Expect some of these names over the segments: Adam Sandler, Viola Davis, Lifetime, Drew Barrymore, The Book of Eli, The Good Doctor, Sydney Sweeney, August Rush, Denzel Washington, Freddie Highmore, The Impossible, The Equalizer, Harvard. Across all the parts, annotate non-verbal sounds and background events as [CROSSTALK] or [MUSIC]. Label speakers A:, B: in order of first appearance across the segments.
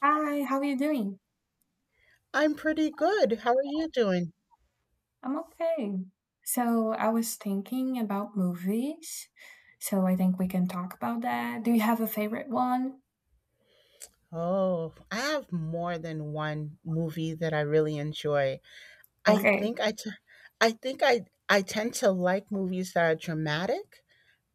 A: Hi, how are you doing?
B: I'm pretty good. How are you doing?
A: I'm okay. So I was thinking about movies. So I think we can talk about that. Do you have a favorite one?
B: Oh, I have more than one movie that I really enjoy. I
A: Okay.
B: think I, t- I think I tend to like movies that are dramatic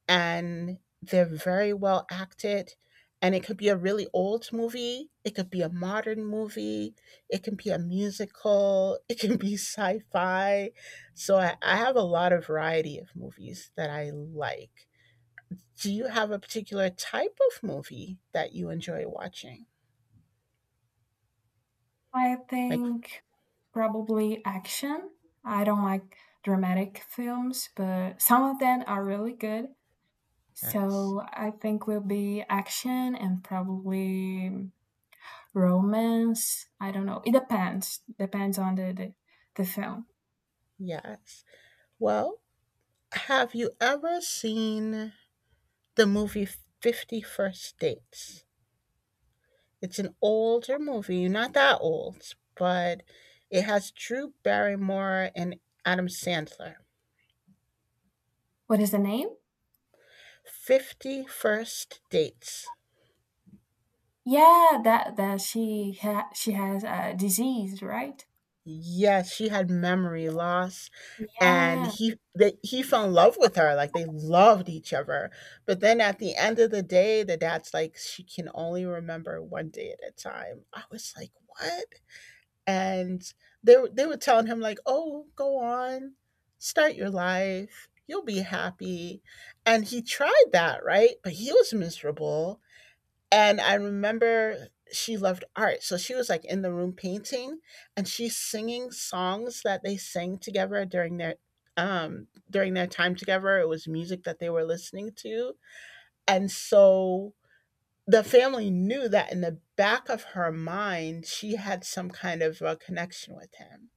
B: and they're very well acted. And it could be a really old movie. It could be a modern movie. It can be a musical. [LAUGHS] It can be [LAUGHS] sci-fi. So I have a lot of variety of movies that I like. Do you have a particular type of movie that you enjoy watching?
A: I
B: Like,
A: think probably action. I don't like dramatic films, but some of them are really good.
B: yes,
A: So I think will be action and probably romance. I don't know. It depends. Depends on the film.
B: yes. Well, have you ever seen the movie 50 First Dates? It's an older movie, not that old, but it has Drew Barrymore and Adam Sandler.
A: What is the name?
B: 50 First Dates.
A: Yeah, that she has a disease, right?
B: Yes, she had memory
A: Yeah.
B: loss and
A: Yeah.
B: he fell in love with her like they loved each other. But then at the end of the day, the dad's like she can only remember one day at a time. I was like, "What?" And they were telling him like, "Oh, go on. Start your life. You'll be happy." And he tried that, right? But he was miserable and I remember she loved art. So she was like in the room painting and she's singing songs that they sang together during their time together. It was music that they were listening to. And so the family knew that in the back of her mind she had some kind of a connection with him.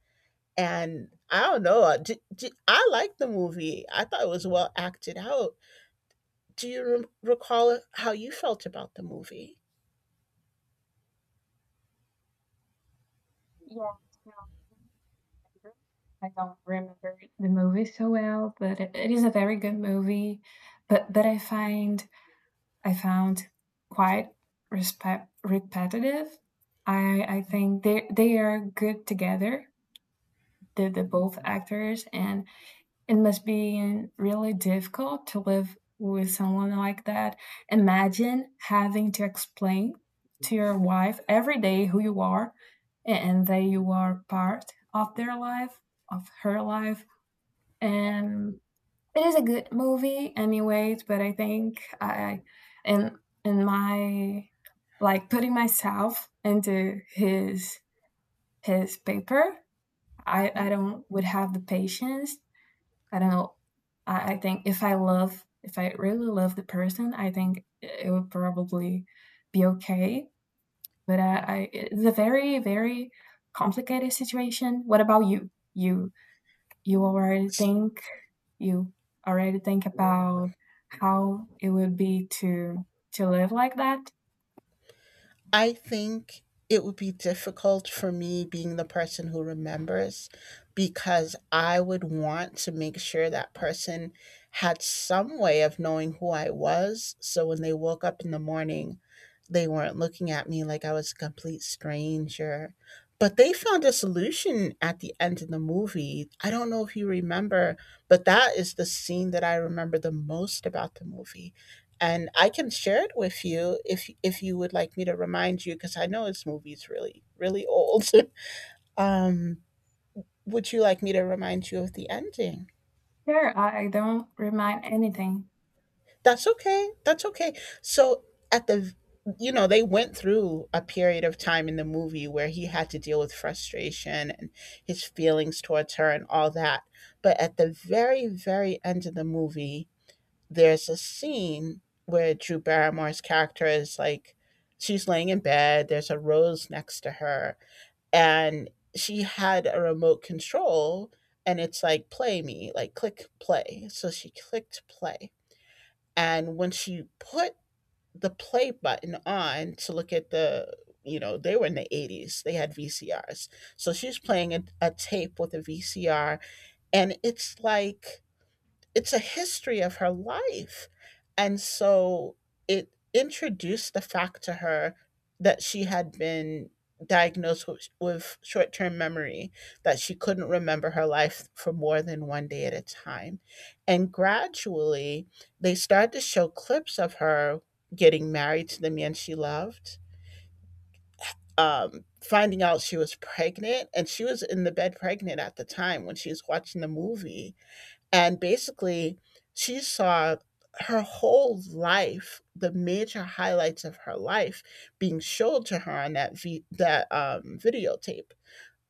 B: And I don't know. D d I liked the movie. I thought it was well acted out. Do you recall how you felt about the movie?
A: Yeah, so I don't remember the movie so well, but it is a very good movie, but I found quite respect repetitive. I think they are good together, the both actors, and it must be really difficult to live with someone like that. Imagine having to explain to your wife every day who you are and that you are part of their life, of her life. And it is a good movie, anyways, but in, in my, like putting myself into his paper. I
B: Mhm.
A: don't would have the patience. I don't know. I think, if I really love the person, I think it would probably be okay. But I it's a very, very complicated situation. What about you? You already think, you already think about how it would be to live like that.
B: I think it would be difficult for me being the person who remembers because I would want to make sure that person had some way of knowing who I was. So when they woke up in the morning, they weren't looking at me like I was a complete stranger. But they found a solution at the end of the movie. I don't know if you remember, but that is the scene that I remember the most about the movie and I can share it with you if you would like me to remind you because I know this movie's really really old. [LAUGHS] um, would you like me to remind you of the ending?
A: Sure, I don't remind anything.
B: That's okay. That's okay. So at the, you know, they went through a period of time in the movie where he had to deal with frustration and his feelings towards her and all that, but at the very very end of the movie there's a scene where Drew Barrymore's character is like, she's laying in bed, there's a rose next to her, and she had a remote control, and it's like, play me, like, click play. So she clicked play. And when she put the play button on to look at the, you know, they were in the 80s, they had VCRs. So she's playing a tape with a VCR, and it's like, it's a history of her life. And so it introduced the fact to her that she had been diagnosed with short term memory, that she couldn't remember her life for more than one day at a time. And gradually, they started to show clips of her getting married to the man she loved. Finding out she was pregnant, and she was in the bed pregnant at the time when she was watching the movie, and basically, she saw her whole life, the major highlights of her life, being showed to her on that videotape.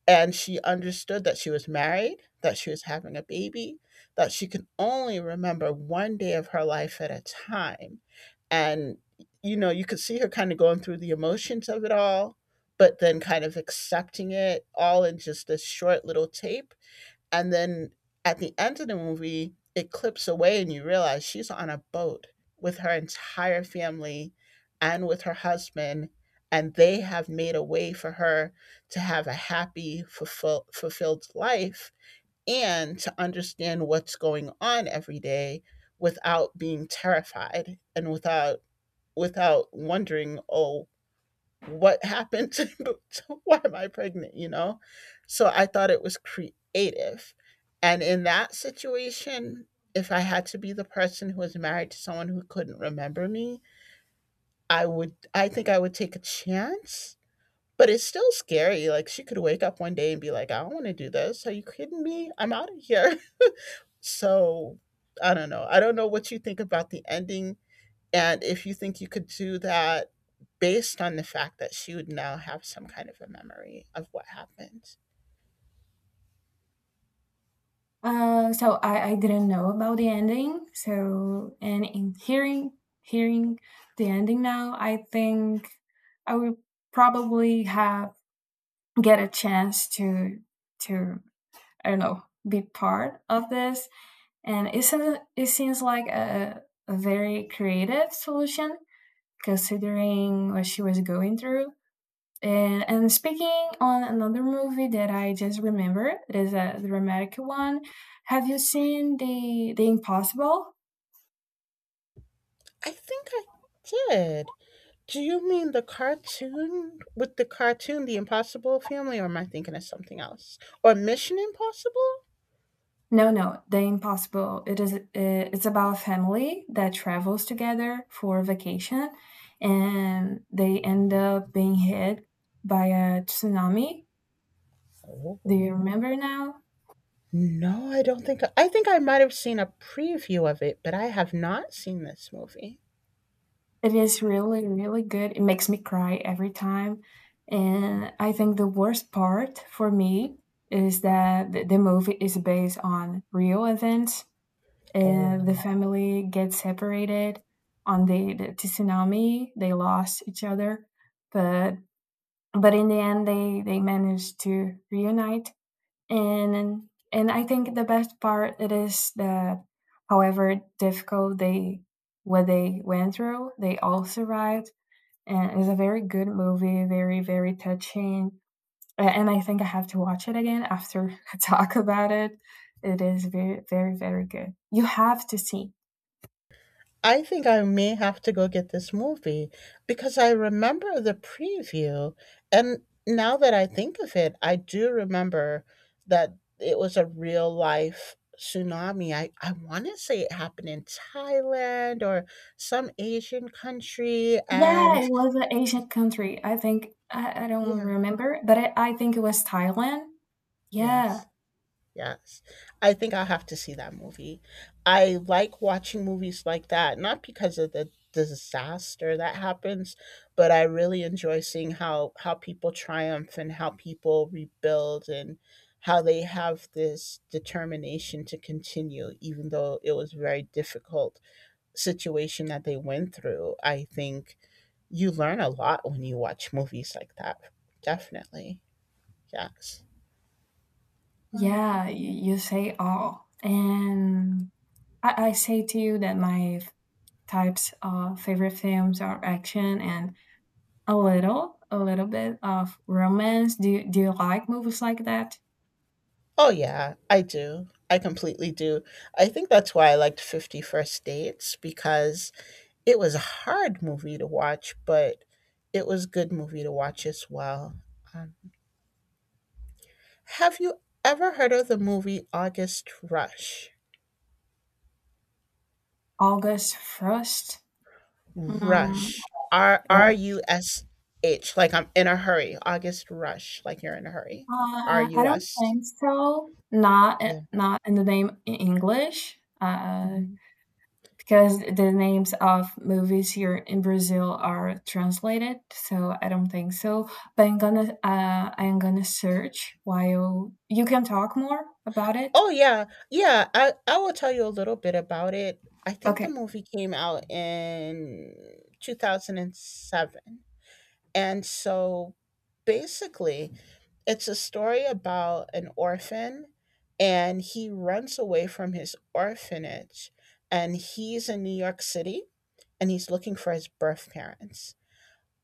B: And she understood that she was married, that she was having a baby, that she can only remember one day of her life at a time. And, you know, you could see her kind of going through the emotions of it all, but then kind of accepting it all in just this short little tape, and then at the end of the movie, it clips away and you realize she's on a boat with her entire family and with her husband. And they have made a way for her to have a happy, fulfilled life and to understand what's going on every day without being terrified and without without wondering, oh, what happened [LAUGHS] to, why am I pregnant, So I thought it was creative. And in that situation, if I had to be the person who was married to someone who couldn't remember me, I think I would take a chance. But it's still scary. Like she could wake up one day and be like, I don't want to do this. Are you kidding me? I'm out of here. [LAUGHS] So I don't know. I don't know what you think about the ending and if you think you could do that based on the fact that she would now have some kind of a memory of what happened.
A: So I didn't know about the ending. So and in hearing the ending now, I think I will probably have get a chance to I don't know, be part of this. And it seems like a very creative solution, considering what she was going through. And speaking on another movie that I just remembered, it is a dramatic one. Have you seen the Impossible?
B: I think I did. Do you mean the cartoon with the cartoon The Impossible Family or am I thinking of something else? Or Mission Impossible?
A: No, no, the Impossible. It's about a family that travels together for vacation, and they end up being hit by a tsunami.
B: Oh.
A: Do you remember now?
B: No, I don't think I might have seen a preview of it, but I have not seen this movie.
A: It is really, really good. It makes me cry every time. And I think the worst part for me is that the movie is based on real events. And the
B: Oh.
A: family gets separated on the tsunami. They lost each other, but but in the end, they managed to reunite. And I think the best part it is that, however difficult they what they went through, they all survived, and it's a very good movie, very very touching. And I think I have to watch it again after [LAUGHS] I talk about it. It is very very very good. You have to see.
B: I think I may have to go get this movie because I remember the preview. And now that I think of it, I do remember that it was a real life tsunami. I want to say it happened in Thailand or some Asian country.
A: Yeah,
B: And
A: it was an Asian country. I think I don't
B: yeah,
A: remember, but I think it was Thailand.
B: yes.
A: Yeah,
B: Yes. I think I'll have to see that movie. I like watching movies like that, not because of the disaster that happens, but I really enjoy seeing how people triumph and how people rebuild and how they have this determination to continue even though it was a very difficult situation that they went through. I think you learn a lot when you watch movies like that. Definitely. Yes. Um.
A: yeah. You say all, and I say to you that types of favorite films are action and a little bit of romance. Do you like movies like that?
B: Oh, yeah, I do. I completely do. I think that's why I liked 50 First Dates because it was a hard movie to watch, but it was good movie to watch as well. Um, have you ever heard of the movie August Rush?
A: August Frost, mm,
B: Rush.
A: Red
B: R U S H. Like I'm in a hurry. August Rush. Like you're in a hurry. R
A: Flag. I
B: U
A: don't
B: S.
A: think so. Not i-
B: Yeah.
A: not in the name in English,
B: Mm-hmm.
A: because the names of movies here in Brazil are translated. So I don't think so. But I'm gonna search while you can talk more about it.
B: Oh yeah, yeah. I will tell you a little bit about it. I think the
A: Okay.
B: movie came out in 2007. And seven, and so basically, it's a story about an orphan and he runs away from his orphanage and he's in New York City and he's looking for his birth parents.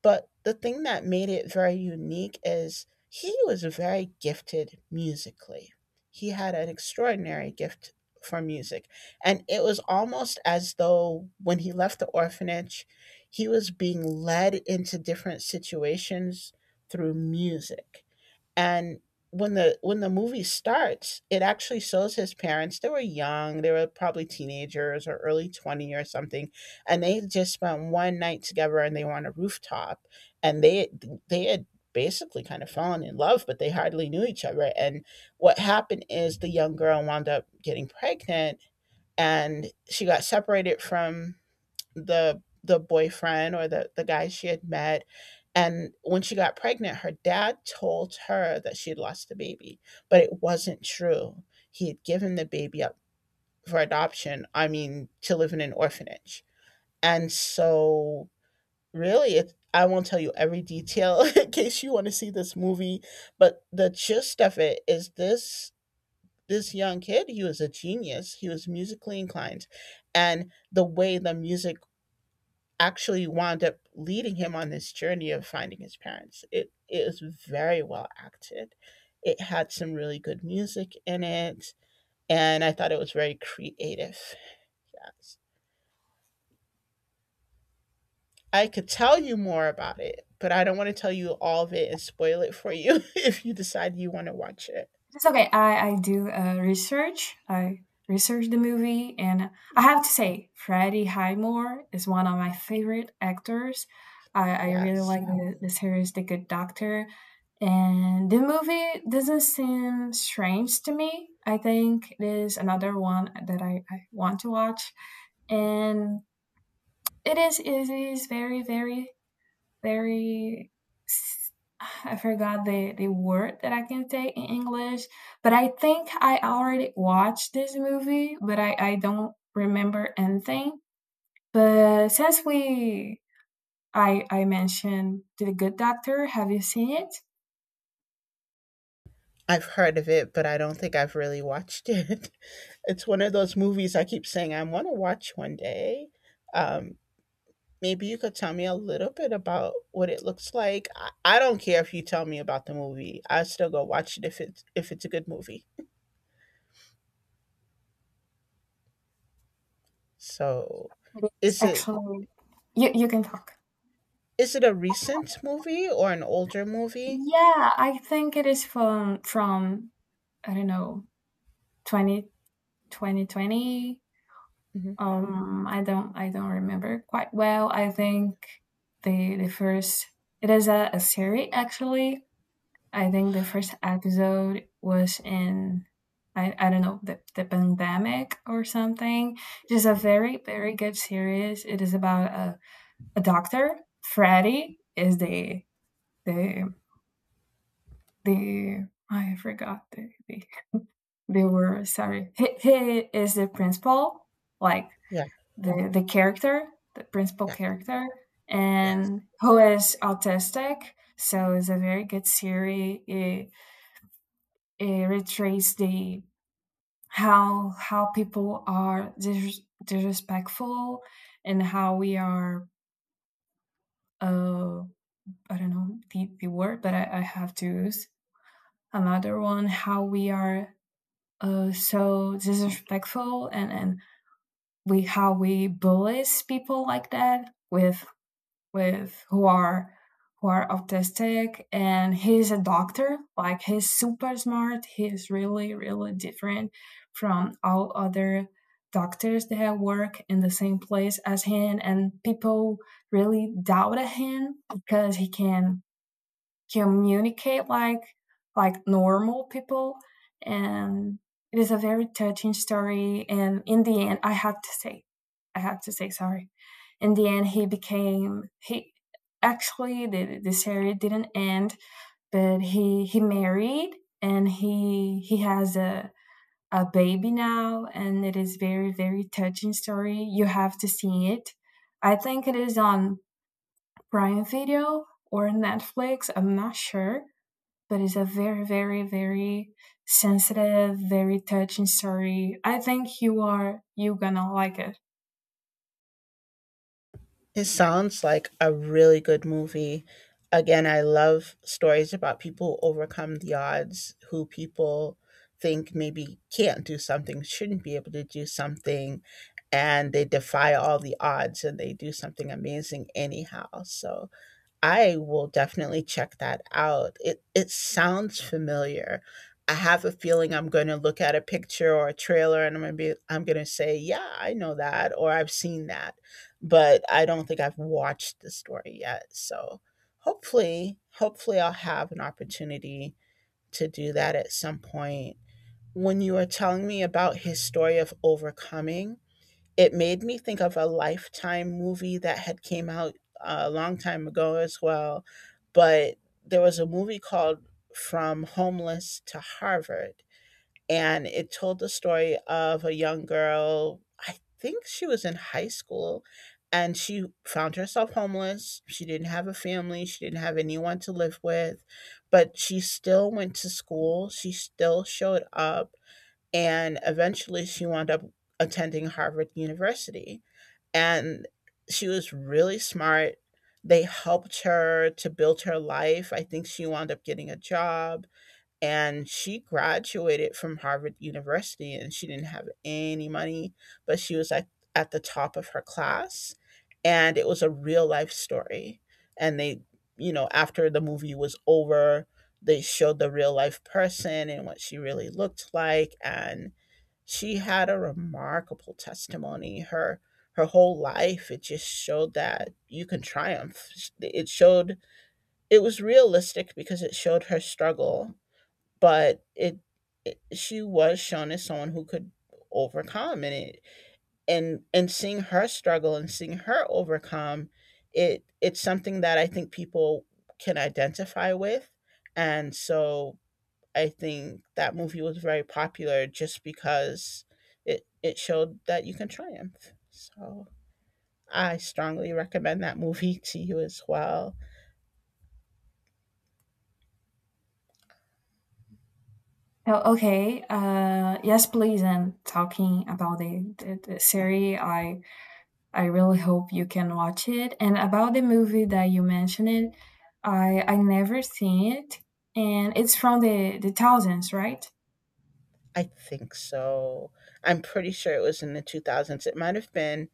B: But the thing that made it very unique is he was very gifted musically. He had an extraordinary gift for music. And it was almost as though when he left the orphanage, he was being led into different situations through music, and when the movie starts, it actually shows his parents. They were young, they were probably teenagers or early 20 or something, and they just spent one night together and they were on a rooftop, and they had basically kind of fallen in love, but they hardly knew each other. And what happened is the young girl wound up getting pregnant and she got separated from the boyfriend or the guy she had met. And when she got pregnant her dad told her that she had lost the baby, but it wasn't true. He had given the baby up for adoption, I mean to live in an orphanage. And so really it, I won't tell you every detail [LAUGHS] in case you want to see this movie, but the gist of it is this: this young kid, he was a genius, he was musically inclined, and the way the music actually wound up leading him on this journey of finding his parents. It was very well acted. It had some really good music in it, and I thought it was very creative. Yes. I could tell you more about it, but I don't want to tell you all of it and spoil it for you [LAUGHS] if you decide you want to watch it.
A: It's okay. I do research. I research the movie, and I have to say, Freddie Highmore is one of my favorite actors. I really
B: Yes.
A: like, wow, the series The Good Doctor, and the movie doesn't seem strange to me. I think it is another one that I want to watch, and it is very very very, I forgot the word that I can say in English, but I think I already watched this movie, but I don't remember anything. But since we I mentioned The Good Doctor, have you seen it?
B: I've heard of it, but I don't think I've really watched it. [LAUGHS] It's one of those movies I keep saying I want to watch one day. Um, Maybe you could tell me a little bit about what it looks like. I don't care if you tell me about the movie. I still go watch it if it's a good movie. So,
A: It's
B: is it
A: actually you can talk.
B: is it a recent movie or an older movie?
A: Yeah, I think it is from, I don't know, twenty twenty twenty.
B: Hmm.
A: I don't remember quite well. I think the first it is a series, actually. I think the first episode was in, I don't know, the pandemic or something. Just a very very good series. It is about a doctor. Freddy is the the. I forgot the word. Sorry, he is the principal. Like
B: Yeah,
A: the character, the principal
B: yeah,
A: character,
B: yes.
A: and who is autistic. So it's a very good series. It retraces the how people are disrespectful and how we are. Uh, I don't know the word, but I have to use another one. How we are so disrespectful, and we how we bully people like that with who are autistic, and he's a doctor, like he's super smart, he's really really different from all other doctors that work in the same place as him, and people really doubted him because he can communicate like normal people. And it is a very touching story, and in the end, I had to say sorry. In the end, he became he actually, the series didn't end, but he married, and he has a baby now, and it is very very touching story. You have to see it. I think it is on Prime Video or Netflix, I'm not sure, but it's a very, very, very sensitive, very touching story. I think you gonna like it.
B: It sounds like a really good movie. Again, I love stories about people who overcome the odds, who people think maybe can't do something, shouldn't be able to do something, and they defy all the odds and they do something amazing anyhow. So I will definitely check that out. It sounds familiar. I have a feeling I'm going to look at a picture or a trailer and I'm going to say, "Yeah, I know that," or "I've seen that." But I don't think I've watched the story yet. So, hopefully I'll have an opportunity to do that at some point. When you were telling me about his story of overcoming, it made me think of a Lifetime movie that had came out a long time ago as well, but there was a movie called From Homeless to Harvard, and it told the story of a young girl. I think she was in high school, and she found herself homeless. She didn't have a family, she didn't have anyone to live with, but she still went to school, she still showed up, and eventually she wound up attending Harvard University. And she was really smart. They helped her to build her life. I think she wound up getting a job, and she graduated from Harvard University, and she didn't have any money, but she was at the top of her class. And it was a real life story. And they after the movie was over, they showed the real life person and what she really looked like. And she had a remarkable testimony. Her whole life, it just showed that you can triumph. It showed, it was realistic because it showed her struggle, but it, she was shown as someone who could overcome. And it and seeing her struggle and seeing her overcome, it's something that I think people can identify with. And so I think that movie was very popular just because it showed that you can triumph. So I strongly recommend that movie [LAUGHS] to you as well.
A: Oh, okay. Yes, please. And talking about the series, I really hope you can watch it. And about the movie that you mentioned, it I never seen it, and it's from the thousands, right?
B: I think so. I'm pretty sure it was in the 2000s. It might have been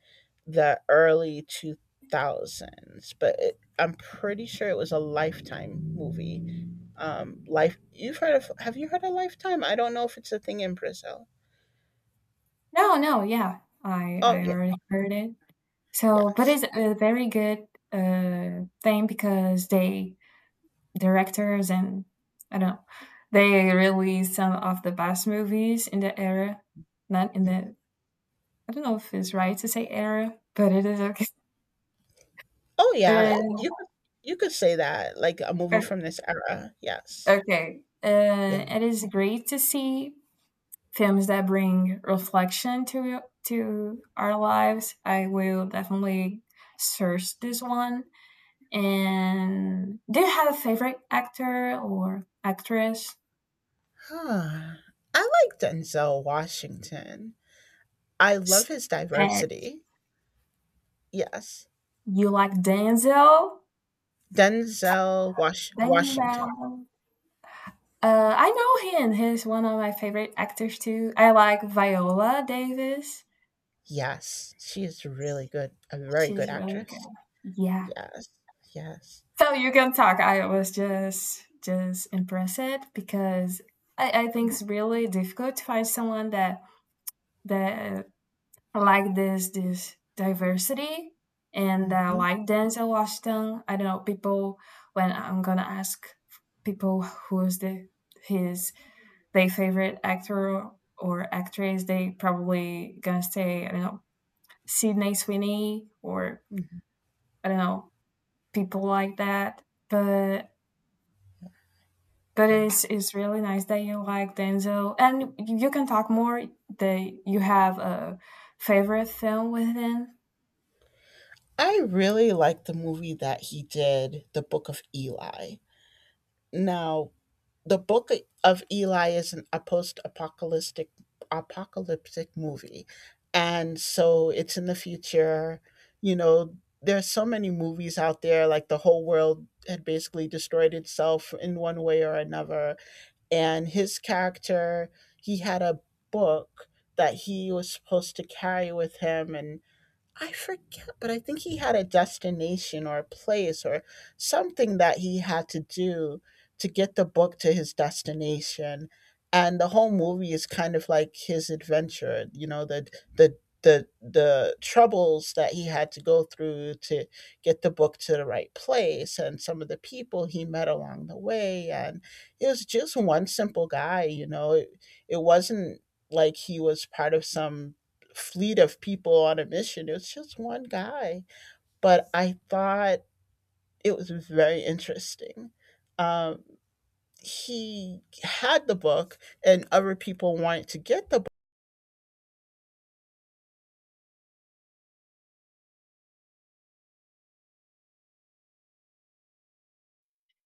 B: the early 2000s, but I'm pretty sure it was a Lifetime movie. Life. You've heard of? Have you heard of Lifetime? I don't know if it's a thing in Brazil.
A: No, no, yeah, I
B: Oh
A: I
B: yeah,
A: already heard it. So, but
B: yes.
A: it's a very good thing because they directors, and I don't know. They released some of the best movies in the era. Not in
B: Mhm.
A: the I don't know if it's right to say era, but it is okay.
B: Oh, yeah,
A: [LAUGHS]
B: you could say that, like a movie
A: Uh,
B: from this era, yes.
A: okay. Uh,
B: Yeah.
A: it is great to see films that bring reflection to our lives. I will definitely search this one. And do you have a favorite actor or actress?
B: Huh, I like Denzel Washington. I love his
A: Uh,
B: diversity. Yes.
A: you like Denzel?
B: Denzel
A: Bang Bang.
B: Washington.
A: I know him. He's one of my favorite actors too. I like Viola Davis.
B: Yes, she is really good, a very good
A: She's really good.
B: actress.
A: Yeah.
B: Yes, yes.
A: So you can talk. I was just impressed because I think it's really difficult to find someone that I like this diversity, and I
B: Mhm,
A: like Denzel Washington. I don't know, people when I'm gonna ask people who's his their favorite actor or actress, they probably gonna say, I don't know, Sydney Sweeney, or
B: mhm,
A: I don't know, people like that. But but
B: yeah.
A: it's really nice that you like Denzel, and you can talk more. That you have a favorite film with him.
B: I really like the movie that he did, The Book of Eli. Now the Book of Eli is a post-apocalyptic apocalyptic movie, and so it's in the future. You know, there's so many movies out there. Like, the whole world had basically destroyed itself in one way or another, and his character, he had a book that he was supposed to carry with him, and I forget, but I think he had a destination or a place or something that he had to do to get the book to his destination. And the whole movie is kind of like his adventure, you know, the the the troubles that he had to go through to get the book to the right place and some of the people he met along the way. And it was just one simple guy, you know. It wasn't like he was part of some fleet of people on a mission. It was just one guy, but I thought it was very interesting. Um, he had the book, and other people wanted to get the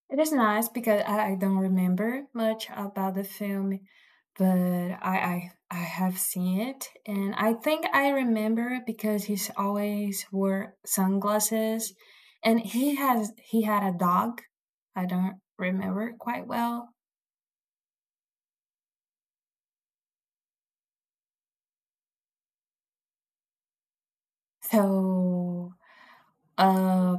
A: It is nice because I don't remember much about the film, but I have seen it, and I think I remember because he's always wore sunglasses, and he had a dog. I don't remember quite well, so uh,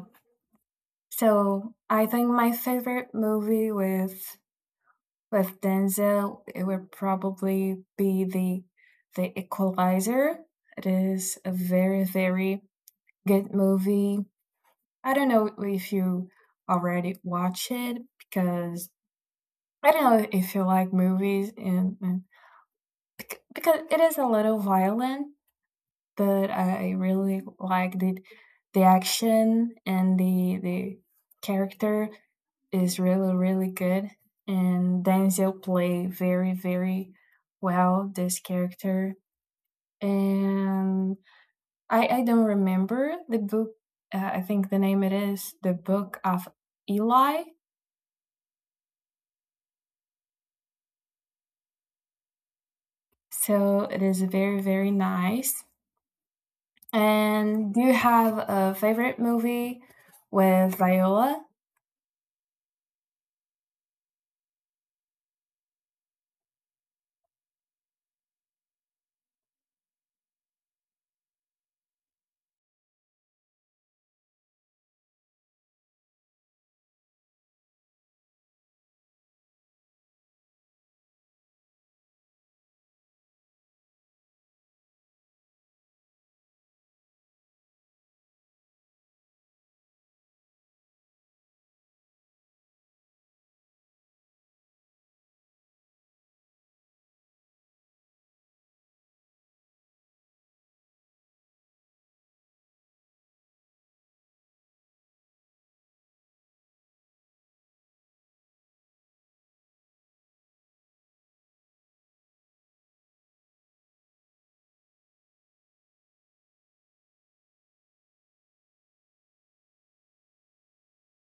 A: I think my favorite movie with Denzel, it would probably be the Equalizer. It is a very, very good movie. I don't know if you already watch it because I don't know if you like movies, and because it is a little violent, but I really liked the action, and the character is really really good, and Denzel play very very well this character. And I don't remember the book. I think the name it is the Book of Eli. So it is very very nice. And do you have a favorite movie with Viola?